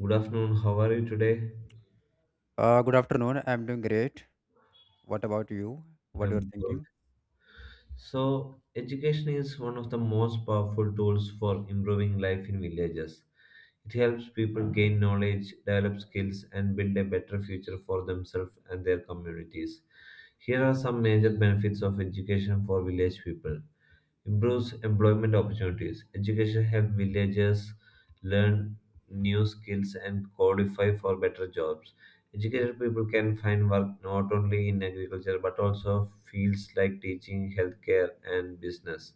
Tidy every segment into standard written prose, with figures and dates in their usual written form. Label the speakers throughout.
Speaker 1: Good afternoon. How are you today?
Speaker 2: Good afternoon. I'm doing great. What about you? What you're
Speaker 1: I'm good.
Speaker 2: thinking?
Speaker 1: So, education is one of the most powerful tools for improving life in villages. It helps people gain knowledge, develop skills, and build a better future for themselves and their communities. Here are some major benefits of education for village people. Improves employment opportunities. Education helps villagers learn new skills and qualify for better jobs. Educated people can find work not only in agriculture but also fields like teaching, healthcare, and business.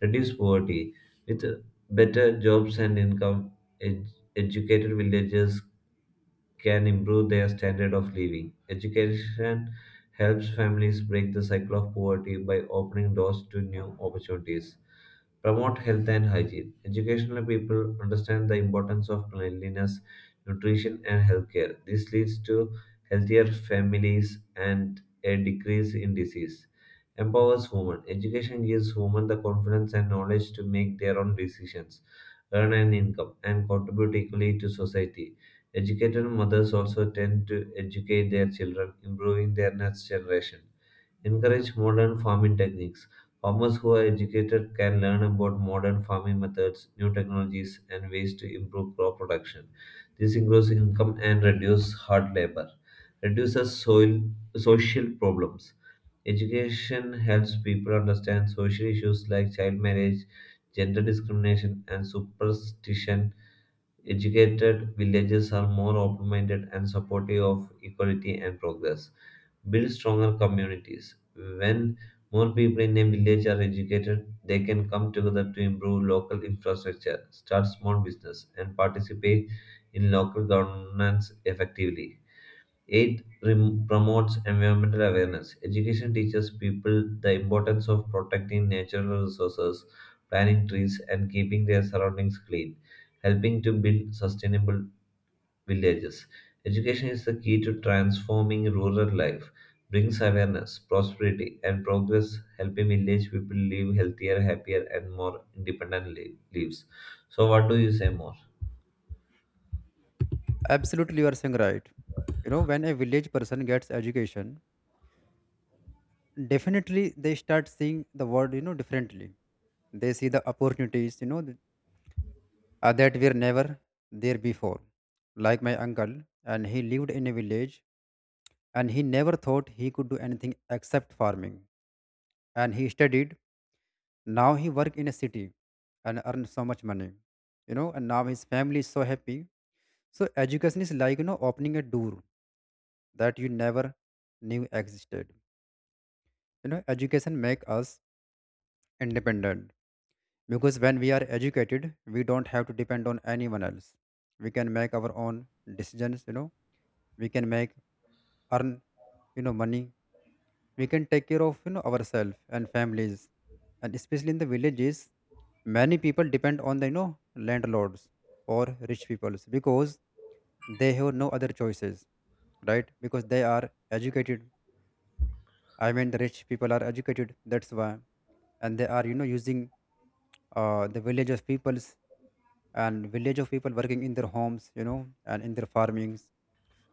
Speaker 1: Reduce poverty. With better jobs and income, ed- educated villagers can improve their standard of living. Education helps families break the cycle of poverty by opening doors to new opportunities promote health and hygiene. Educational people understand the importance of cleanliness, nutrition, and healthcare. This leads to healthier families and a decrease in disease. Empowers women. Education gives women the confidence and knowledge to make their own decisions, earn an income, and contribute equally to society. Educated mothers also tend to educate their children, improving their next generation. Encourage modern farming techniques. Farmers who are educated can learn about modern farming methods, new technologies, and ways to improve crop production. This increases income and reduces hard labor. Reduces soil social problems. Education helps people understand social issues like child marriage, gender discrimination, and superstition. Educated villages are more open minded and supportive of equality and progress. Build stronger communities. When more people in a village are educated, they can come together to improve local infrastructure, start small business, and participate in local governance effectively. Promotes environmental awareness. Education teaches people the importance of protecting natural resources, planting trees, and keeping their surroundings clean, helping to build sustainable villages. Education is the key to transforming rural life, brings awareness, prosperity, and progress, helping village people live healthier, happier, and more independent lives. So, what do you say more?
Speaker 2: Absolutely, you are saying right. When a village person gets education, definitely they start seeing the world, differently. They see the opportunities, that were never there before. Like my uncle, and he lived in a village, and he never thought he could do anything except farming. And he studied. Now he work in a city, and earn so much money. And now his family is so happy. So education is like opening a door that you never knew existed. Education make us independent because when we are educated, we don't have to depend on anyone else. We can make our own decisions. We can make earn money. We can take care of ourselves and families, and especially in the villages, many people depend on the landlords or rich peoples because they have no other choices, right? Because they are educated, I mean, the rich people are educated. That's why, and they are using the village of peoples and village of people working in their homes, and in their farmings.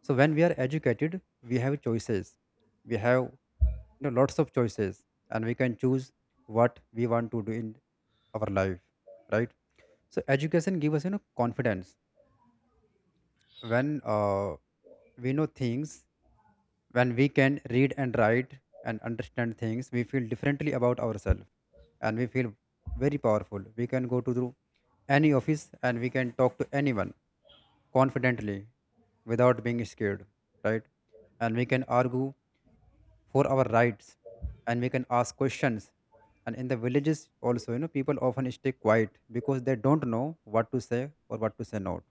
Speaker 2: So when we are educated, we have choices. We have lots of choices, and we can choose what we want to do in our life, right? So education gives us confidence when we know things. When we can read and write and understand things, we feel differently about ourselves and we feel very powerful. We can go to through any office and we can talk to anyone confidently without being scared, right? And we can argue for our rights and we can ask questions. And in the villages also, people often stay quiet because they don't know what to say or what to say not.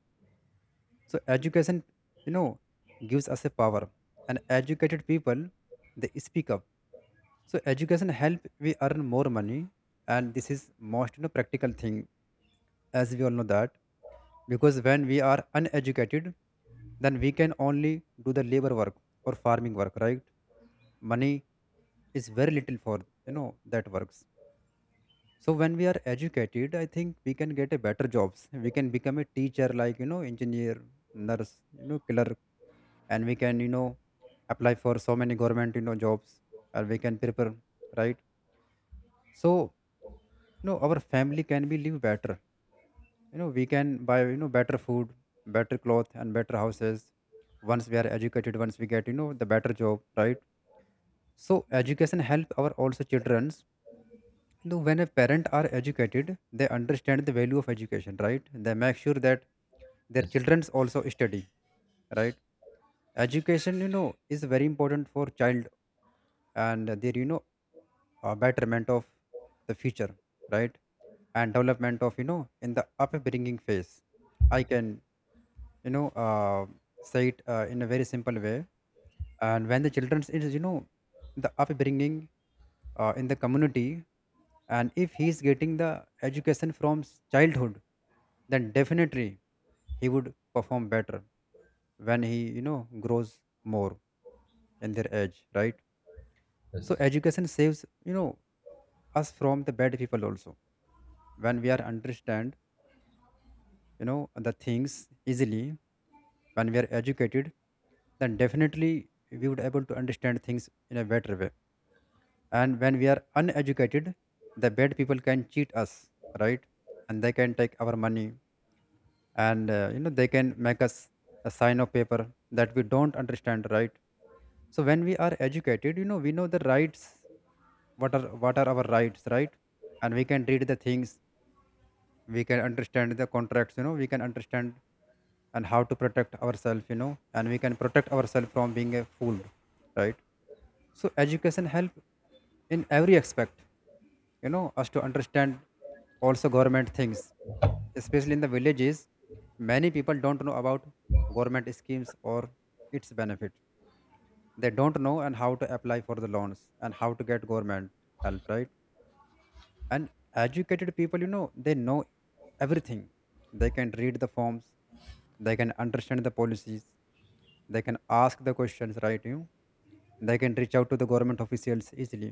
Speaker 2: So education, you know, gives us a power. And educated people, they speak up. So education help we earn more money, and this is most practical thing, as we all know that. Because when we are uneducated, then we can only do the labor work or farming work, right? Money is very little for that works. So when we are educated, I think we can get a better jobs. We can become a teacher, like engineer, nurse, killer and we can apply for so many government jobs and we can prepare, right? So our family can be live better. We can buy better food, better cloth and better houses once we are educated, once we get the better job, right? So education help our also children's, when a parent are educated they understand the value of education, right? They make sure that their
Speaker 1: Yes,
Speaker 2: children's also study, right? Education is very important for child and their betterment of the future, right? And development of in the upbringing phase. I can you know uh, say it in a very simple way. And when the children is the upbringing in the community, and if he is getting the education from childhood, then definitely he would perform better when he grows more in their age, right? So
Speaker 1: yes.
Speaker 2: education saves you know us from the bad people also when we are understand the things easily, when we are educated then definitely we would able to understand things in a better way. And when we are uneducated, the bad people can cheat us, right? And they can take our money, and they can make us a sign of paper that we don't understand, right? So when we are educated, we know the rights, what are our rights, right? And we can read the things, we can understand the contracts, we can understand and how to protect ourselves, and we can protect ourselves from being a fooled, right? So education help in every aspect, us to understand also government things, especially in the villages. Many people don't know about government schemes or its benefit. They don't know and how to apply for the loans and how to get government help, right? And educated people, they know everything. They can read the forms, they can understand the policies, they can ask the questions, right? you They can reach out to the government officials easily,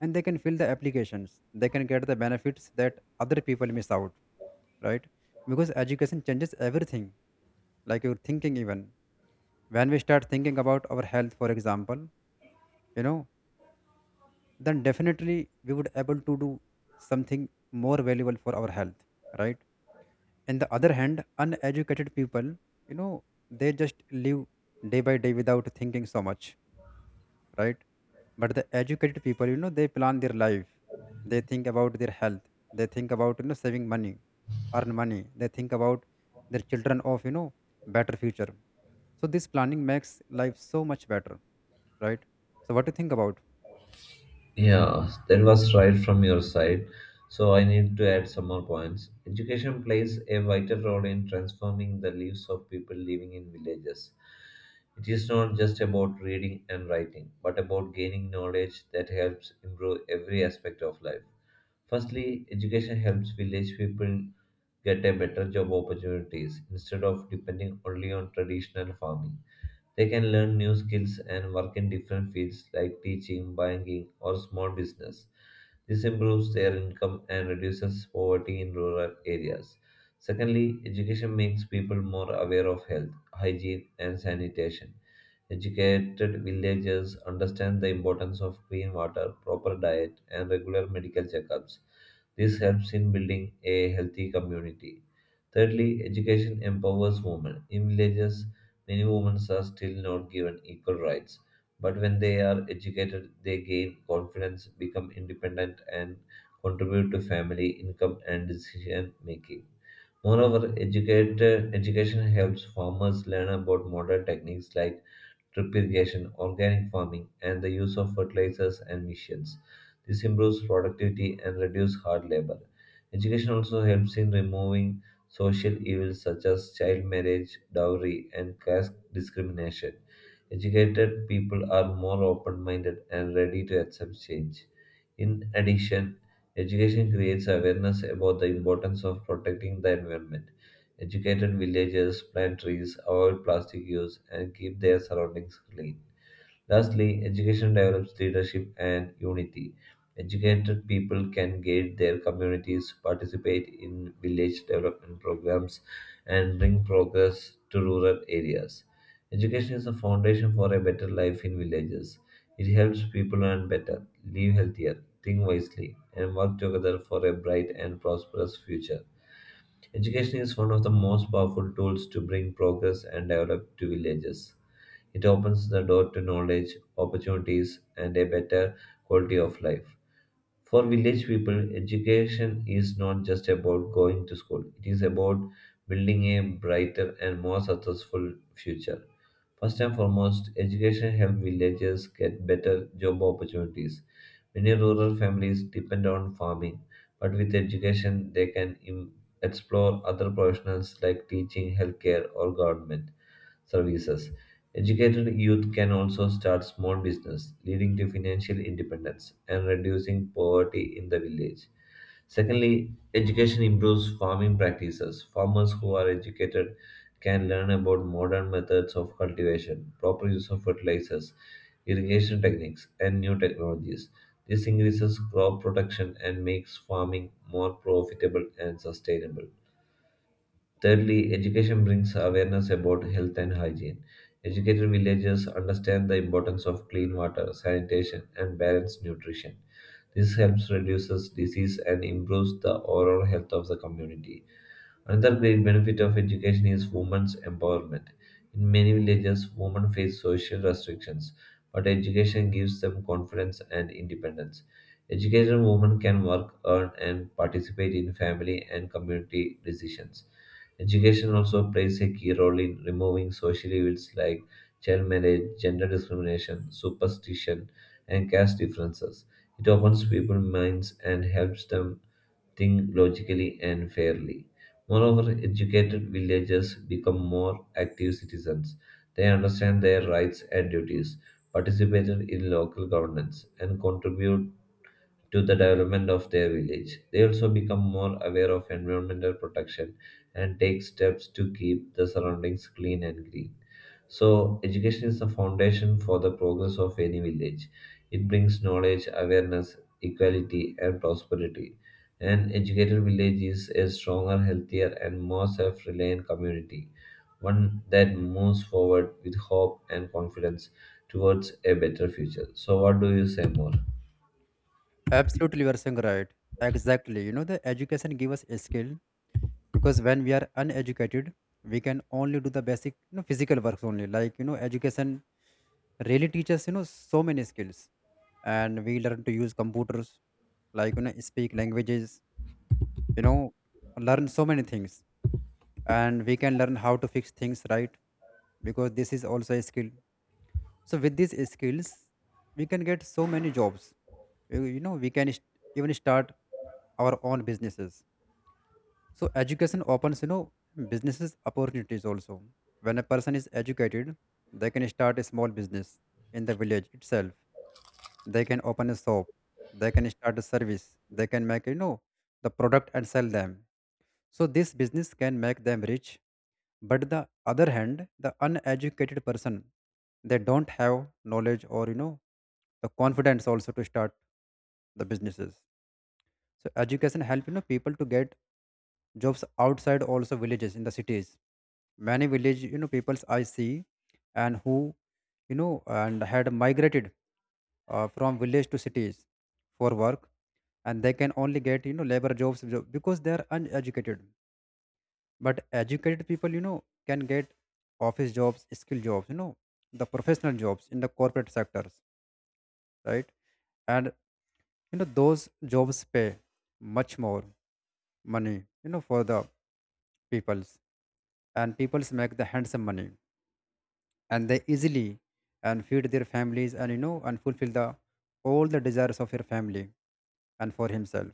Speaker 2: and they can fill the applications, they can get the benefits that other people miss out, right? Because education changes everything, like your thinking even. When we start thinking about our health, for example, you know then definitely we would able to do something more valuable for our health, right? And the other hand, uneducated people, you know they just live day by day without thinking so much, right? But the educated people, they plan their life. They think about their health, they think about saving money, earn money. They think about their children of better future. So this planning makes life so much better, right? So what do you think about?
Speaker 1: Yeah, that was right from your side. So I need to add some more points. Education plays a vital role in transforming the lives of people living in villages. It is not just about reading and writing, but about gaining knowledge that helps improve every aspect of life. Firstly, education helps village people get a better job opportunities instead of depending only on traditional farming. They can learn new skills and work in different fields like teaching, banking, or small business. This improves their income and reduces poverty in rural areas. Secondly, education makes people more aware of health, hygiene, and sanitation. Educated villagers understand the importance of clean water, proper diet, and regular medical checkups. This helps in building a healthy community. Thirdly, education empowers women. In villages, many women are still not given equal rights, but when they are educated, they gain confidence, become independent, and contribute to family income and decision making. Moreover, educated education helps farmers learn about modern techniques like drip irrigation, organic farming, and the use of fertilizers and machines. This improves productivity and reduces hard labor. Education also helps in removing social evils such as child marriage, dowry, and caste discrimination. Educated people are more open minded and ready to accept change. In addition, education creates awareness about the importance of protecting the environment. Educated villagers plant trees, avoid plastic use, and keep their surroundings clean. Lastly, education develops leadership and unity. Educated people can guide their communities, participate in village development programs, and bring progress to rural areas. Education is the foundation for a better life in villages. It helps people learn better, live healthier, think wisely, and work together for a bright and prosperous future. Education is one of the most powerful tools to bring progress and develop to villages. It opens the door to knowledge, opportunities, and a better quality of life. For village people, education is not just about going to school, it is about building a brighter and more successful future. First and foremost, education helps villagers get better job opportunities. Many rural families depend on farming, but with education, they can explore other professions like teaching, healthcare, or government services. Educated youth can also start small business, leading to financial independence and reducing poverty in the village. Secondly, education improves farming practices. Farmers who are educated can learn about modern methods of cultivation, proper use of fertilizers, irrigation techniques, and new technologies. This increases crop production and makes farming more profitable and sustainable. Thirdly, education brings awareness about health and hygiene. Educated villagers understand the importance of clean water, sanitation, and balanced nutrition. This helps reduces disease and improves the overall health of the community. Another great benefit of education is women's empowerment. In many villages, women face social restrictions, but education gives them confidence and independence. Educated women can work, earn, and participate in family and community decisions. Education also plays a key role in removing social evils like child marriage, gender discrimination, superstition, and caste differences. It opens people's minds and helps them think logically and fairly. Moreover, educated villagers become more active citizens. They understand their rights and duties, participate in local governance, and contribute to the development of their village. They also become more aware of environmental protection and take steps to keep the surroundings clean and green. So, education is the foundation for the progress of any village. It brings knowledge, awareness, equality, and prosperity. An educated village is a stronger, healthier, and more self reliant community, one that moves forward with hope and confidence towards a better future. So, what do you say more?
Speaker 2: Absolutely, you are saying right. Exactly, the education give us a skill. Because when we are uneducated, we can only do the basic, physical works only, like education really teaches so many skills. And we learn to use computers, like speak languages, you know learn so many things. And we can learn how to fix things, right? Because this is also a skill. So with these skills we can get so many jobs. We can even start our own businesses. So education opens businesses opportunities also. When a person is educated, they can start a small business in the village itself. They can open a shop, they can start a service, they can make the product and sell them. So this business can make them rich, but the other hand, the uneducated person, they don't have knowledge or the confidence also to start the businesses. So education help people to get jobs outside also villages in the cities. Many village peoples I see, and who and had migrated from village to cities for work, and they can only get labor jobs, because they are uneducated. But educated people, can get office jobs, skill jobs, the professional jobs in the corporate sectors, right? And those jobs pay much more money, for the peoples, and peoples make the handsome money, and they easily and feed their families and and fulfill the all the desires of your family and for himself,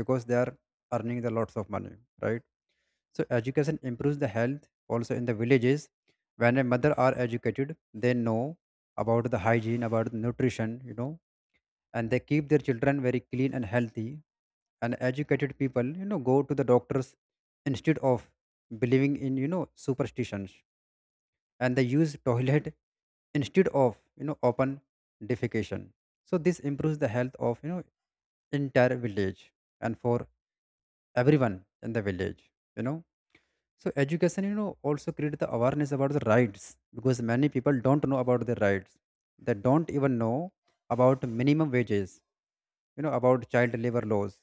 Speaker 2: because they are earning the lots of money, right? So education improves the health also in the villages. When a mother are educated, they know about the hygiene, about the nutrition, and they keep their children very clean and healthy. And educated people, go to the doctors instead of believing in, superstitions. And they use toilet instead of, open defecation. So this improves the health of, entire village and for everyone in the village, you know So education, also create the awareness about the rights, because many people don't know about their rights. They don't even know about minimum wages, about child labor laws,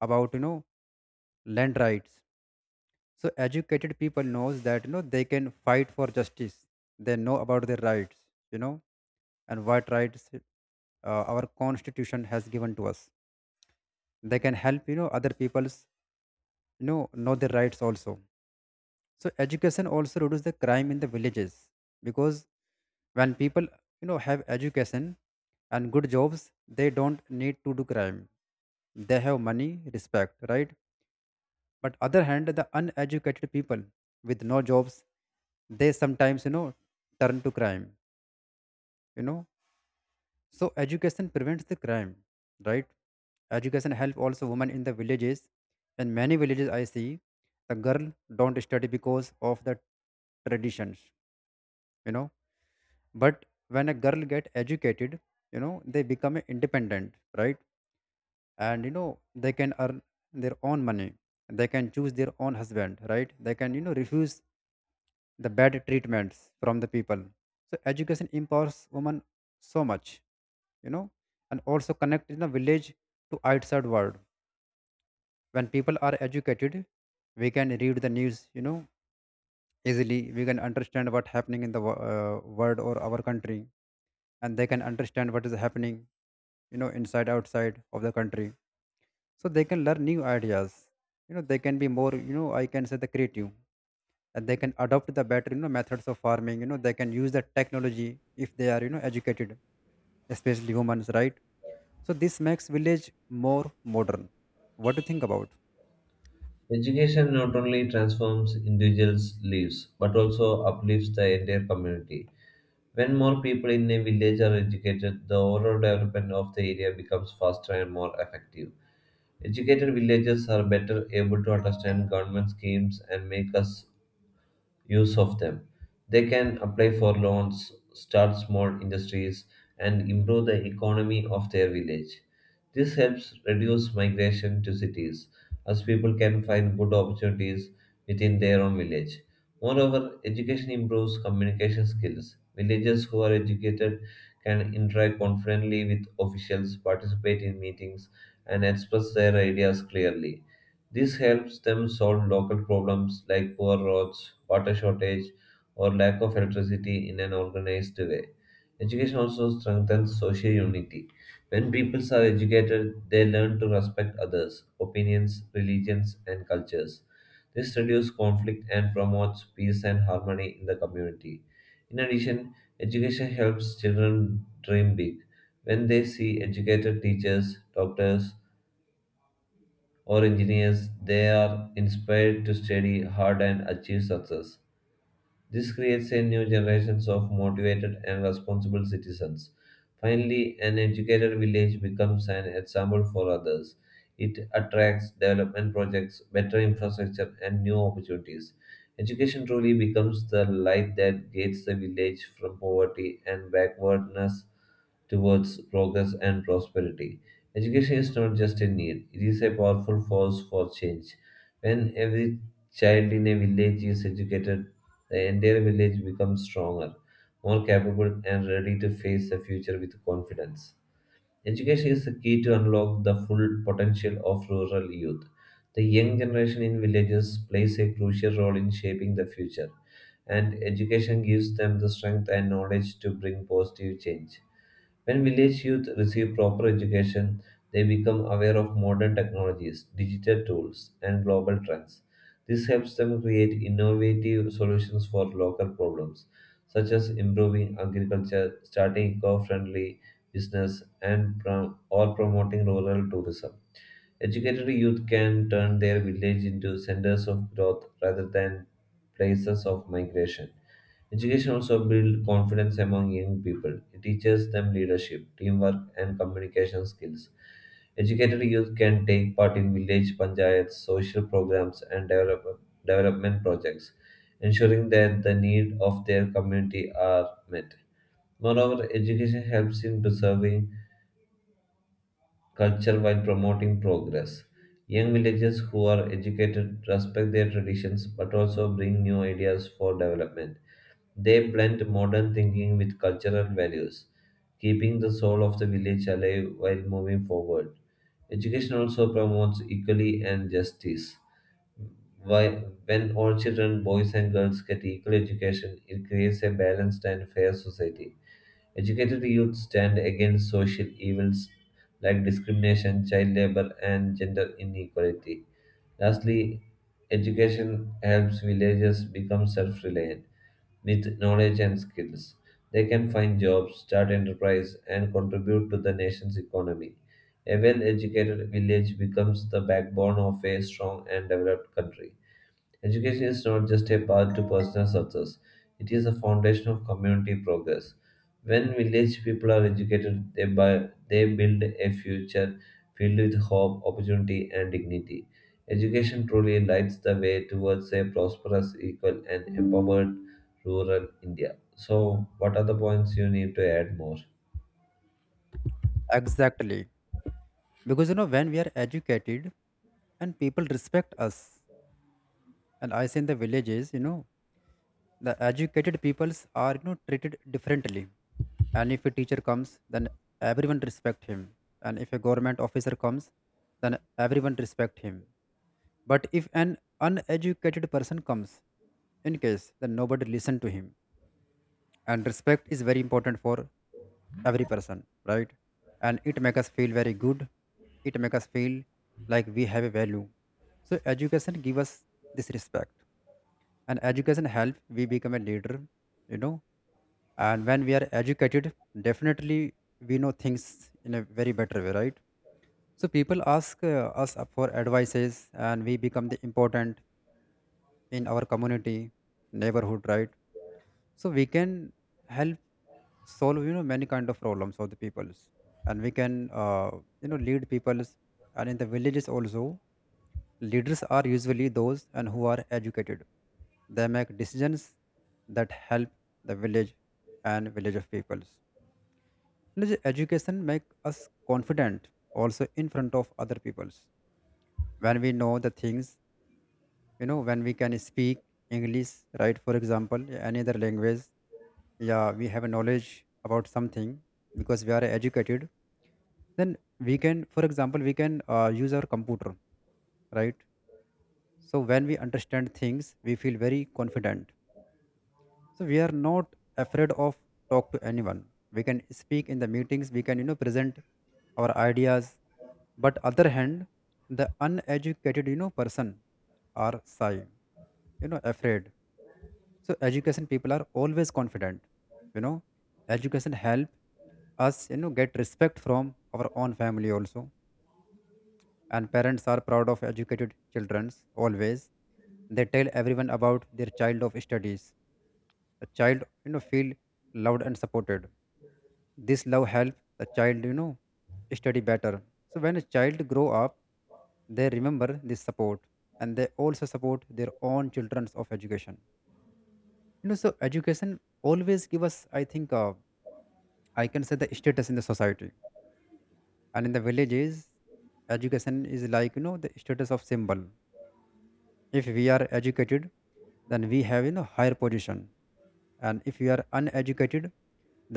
Speaker 2: about land rights. So educated people knows that they can fight for justice. They know about their rights, you know, and what rights our constitution has given to us. They can help other people's know their rights also. So education also reduce the crime in the villages because when people, you know, have education and good jobs, they don't need to do crime, they have money, respect, right? But other hand, the uneducated people with no jobs, they sometimes, you know, turn to crime, you know so education prevents the crime, right? Education help also women in the villages. In many villages I see the girl don't study because of the traditions, you know but when a girl get educated, you know, they become independent, right? And you know they can earn their own money, they can choose their own husband, right? They can, you know, refuse the bad treatments from the people. So education empowers women so much, you know and also connect in the village to outside world. When people are educated, we can read the news, you know, easily. We can understand what happening in the world or our country, and they can understand what is happening, you know, inside outside of the country. So they can learn new ideas, you know, they can be more, you know, I can say the creative, and they can adopt the better, you know, methods of farming, you know, they can use the technology if they are, you know, educated, especially humans, right? So this makes village more modern. What do you think about?
Speaker 1: Education not only transforms individuals' lives but also uplifts the entire community. When more people in a village are educated, the overall development of the area becomes faster and more effective. Educated villagers are better able to understand government schemes and make us use of them. They can apply for loans, start small industries, and improve the economy of their village. This helps reduce migration to cities as people can find good opportunities within their own village. Moreover, education improves communication skills. Villagers who are educated can interact confidently with officials, participate in meetings, and express their ideas clearly. This helps them solve local problems like poor roads, water shortage, or lack of electricity in an organized way. Education also strengthens social unity. When people are educated, they learn to respect others, opinions, religions, and cultures. This reduces conflict and promotes peace and harmony in the community. In addition, education helps children dream big. When they see educated teachers, doctors, or engineers, they are inspired to study hard and achieve success. This creates a new generation of motivated and responsible citizens. Finally, an educated village becomes an example for others. It attracts development projects, better infrastructure, and new opportunities. Education truly becomes the light that guides the village from poverty and backwardness towards progress and prosperity. Education is not just a need, it is a powerful force for change. When every child in a village is educated, the entire village becomes stronger, more capable, and ready to face the future with confidence. Education is the key to unlock the full potential of rural youth. The young generation in villages plays a crucial role in shaping the future, and education gives them the strength and knowledge to bring positive change. When village youth receive proper education, they become aware of modern technologies, digital tools, and global trends. This helps them create innovative solutions for local problems, such as improving agriculture, starting eco friendly business, and prom- or promoting rural tourism. Educated youth can turn their village into centers of growth rather than places of migration. Education also builds confidence among young people. It teaches them leadership, teamwork, and communication skills. Educated youth can take part in village panchayats, social programs, and development projects, ensuring that the needs of their community are met. Moreover, education helps in preserving culture while promoting progress. Young villagers who are educated respect their traditions but also bring new ideas for development. They blend modern thinking with cultural values, keeping the soul of the village alive while moving forward. Education also promotes equality and justice. Why, when all children, boys and girls, get equal education, it creates a balanced and fair society. Educated youth stand against social evils like discrimination, child labor, and gender inequality. Lastly, education helps villagers become self reliant with knowledge and skills. They can find jobs, start enterprise, and contribute to the nation's economy. A well educated village becomes the backbone of a strong and developed country. Education is not just a path to personal success, it is a foundation of community progress. When village people are educated, they build a future filled with hope, opportunity, and dignity. Education truly lights the way towards a prosperous, equal, and empowered rural India. So, what are the points you need to add more?
Speaker 2: Exactly, because you know when we are educated, and people respect us, and I say in the villages, you know, the educated peoples are, you know, treated differently. And if a teacher comes, then everyone respect him. And if a government officer comes, then everyone respect him. But if an uneducated person comes in case, then nobody listen to him. And respect is very important for every person, right? And it make us feel very good, it make us feel like we have a value. So education give us this respect. And education help we become a leader, you know. And when we are educated, definitely we know things in a very better way, right? So people ask us up for advices, and we become the important in our community, neighborhood, right? So we can help solve, you know, many kind of problems of the peoples. And we can, you know, lead peoples. And in the villages also, leaders are usually those and who are educated. They make decisions that help the village and village of peoples. And the education make us confident also in front of other peoples. When we know the things, you know, when we can speak English, right? For example, yeah, any other language, yeah, we have a knowledge about something because we are educated. Then we can, for example, we can use our computer, right? So when we understand things, we feel very confident. So we are not afraid of talk to anyone. We can speak in the meetings. We can, you know, present our ideas, but other hand the uneducated, you know, person are shy, you know, afraid. So education people are always confident, you know. Education help us, you know, get respect from our own family also. And parents are proud of educated childrens always. They tell everyone about their child of studies. The child, you know, feel loved and supported. This love help the child, you know, study better. So when a child grow up, they remember this support, and they also support their own children's of education, you know. So education always give us, I think, I can say the status in the society. And in the villages, education is like, you know, the status of symbol. If we are educated, then we have, you know, higher position. And if we are uneducated,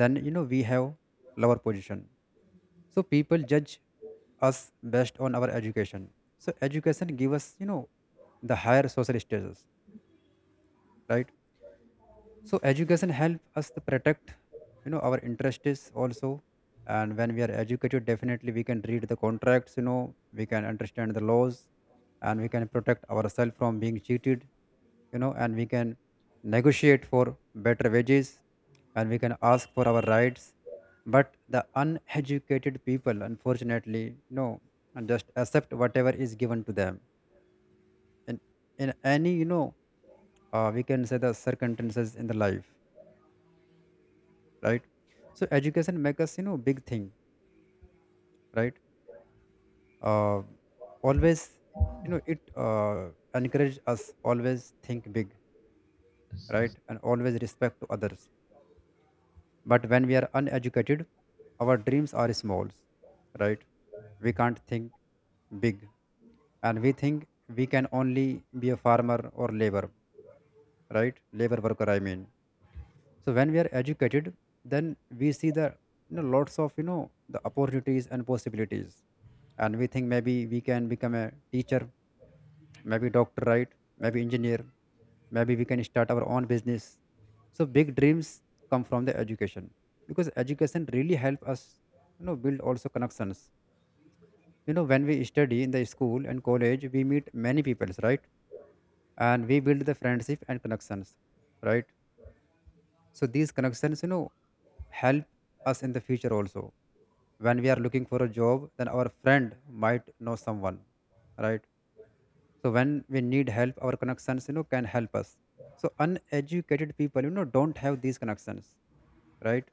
Speaker 2: then you know we have lower position. So people judge us based on our education. So education give us, you know, the higher social status, right? So education help us to protect, you know, our interests also. And when we are educated, definitely we can read the contracts, you know, we can understand the laws, and we can protect ourselves from being cheated, you know. And we can negotiate for better wages, and we can ask for our rights. But the uneducated people, unfortunately, you know, and just accept whatever is given to them in any, you know, we can say the circumstances in the life, right? So education make us, you know, big thing, right? Uh, Always, you know, it encourage us always think big, right? And always respect to others. But when we are uneducated, our dreams are small, right? We can't think big, and we think we can only be a farmer or labor, right? Labor worker, I mean, so when we are educated, then we see the, you know, lots of, you know, the opportunities and possibilities. And we think maybe we can become a teacher, maybe doctor, right? Maybe engineer, maybe we can start our own business. So big dreams come from the education, because education really help us, you know, build also connections. You know, when we study in the school and college, we meet many peoples, right? And we build the friendship and connections, right? So these connections, you know, help us in the future also. When we are looking for a job, then our friend might know someone, right? So when we need help, our connections, you know, can help us. So uneducated people, you know, don't have these connections, right?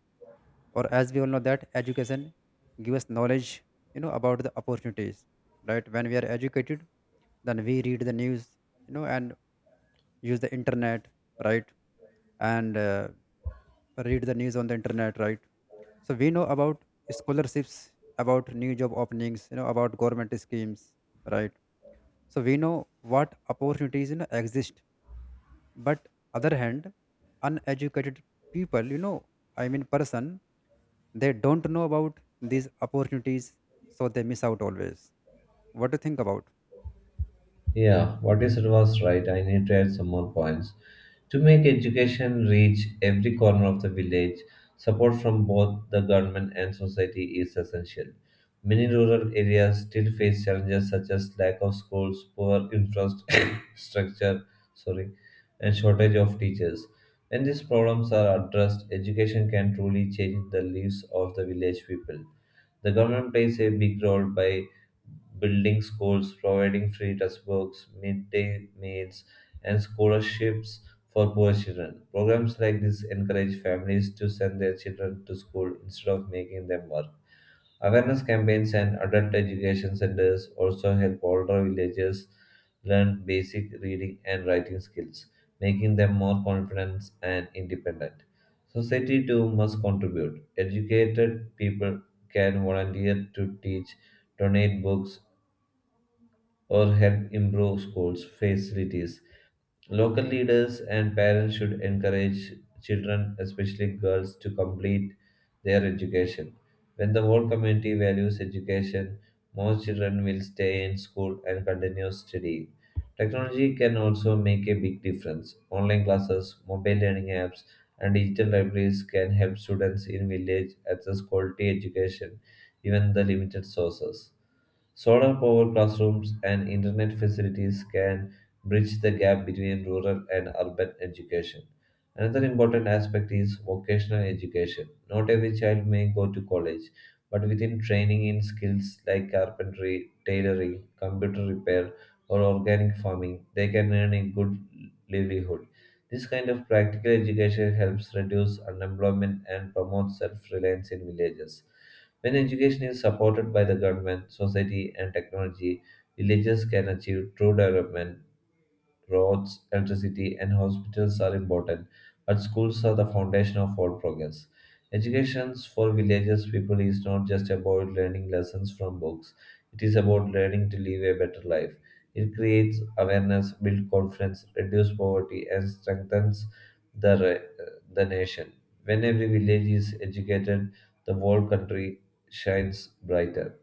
Speaker 2: Or as we all know that education give us knowledge, you know, about the opportunities, right? When we are educated, then we read the news, you know, and use the internet, right? And read the news on the internet, right? So we know about scholarships, about new job openings, you know, about government schemes, right? So we know what opportunities, you know, exist. But other hand, uneducated people, you know, I mean person, they don't know about these opportunities, so they miss out always. What do you think about?
Speaker 1: Yeah, what you said was right. I need to add some more points. To make education reach every corner of the village, support from both the government and society is essential. Many rural areas still face challenges such as lack of schools, poor infrastructure, sorry, and shortage of teachers. When these problems are addressed, education can truly change the lives of the village people. The government plays a big role by building schools, providing free textbooks, midday meals, and scholarships for poor children. Programs like this encourage families to send their children to school instead of making them work. Awareness campaigns and adult education centers also help older villagers learn basic reading and writing skills, making them more confident and independent. Society too must contribute. Educated people can volunteer to teach, donate books, or help improve schools' facilities. Local leaders and parents should encourage children, especially girls, to complete their education. When the whole community values education, more children will stay in school and continue studying. Technology can also make a big difference. Online classes, mobile learning apps, and digital libraries can help students in village access quality education, even the limited sources. Solar powered classrooms and internet facilities can bridge the gap between rural and urban education. Another important aspect is vocational education. Not every child may go to college, but within training in skills like carpentry, tailoring, computer repair, or organic farming, they can earn a good livelihood. This kind of practical education helps reduce unemployment and promotes self reliance in villages. When education is supported by the government, society, and technology, villages can achieve true development roads, electricity, and hospitals are important, but schools are the foundation of all progress. Education for villages people is not just about learning lessons from books, it is about learning to live a better life. It creates awareness, builds confidence, reduces poverty, and strengthens the, re- the nation. When every village is educated, the whole country shines brighter.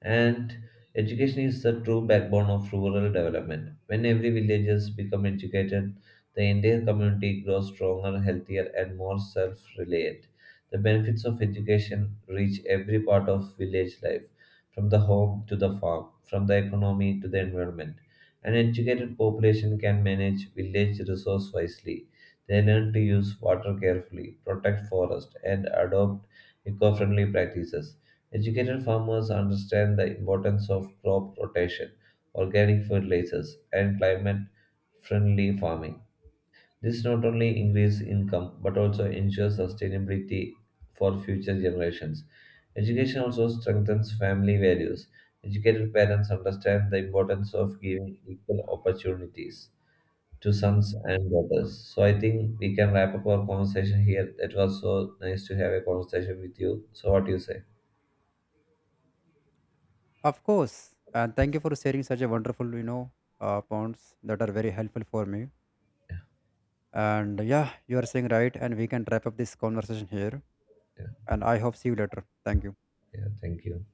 Speaker 1: And education is the true backbone of rural development. When every villagers become educated, the entire community grows stronger, healthier, and more self-reliant. The benefits of education reach every part of village life, from the home to the farm, from the economy to the environment. An educated population can manage village resource wisely. They learn to use water carefully, protect forest, and adopt eco-friendly practices Educated farmers understand the importance of crop rotation, organic fertilizers, and climate friendly farming. This not only increases income but also ensures sustainability for future generations. Education also strengthens family values. Educated parents understand the importance of giving equal opportunities to sons and daughters. So I think we can wrap up our conversation here. It was so nice to have a conversation with you. So what do you say?
Speaker 2: Of course, and thank you for sharing such a wonderful, you know, points that are very helpful for me. And yeah, you are saying right, and we can wrap up this conversation here.
Speaker 1: Yeah,
Speaker 2: And I hope see you later. Thank you.
Speaker 1: yeah, thank you.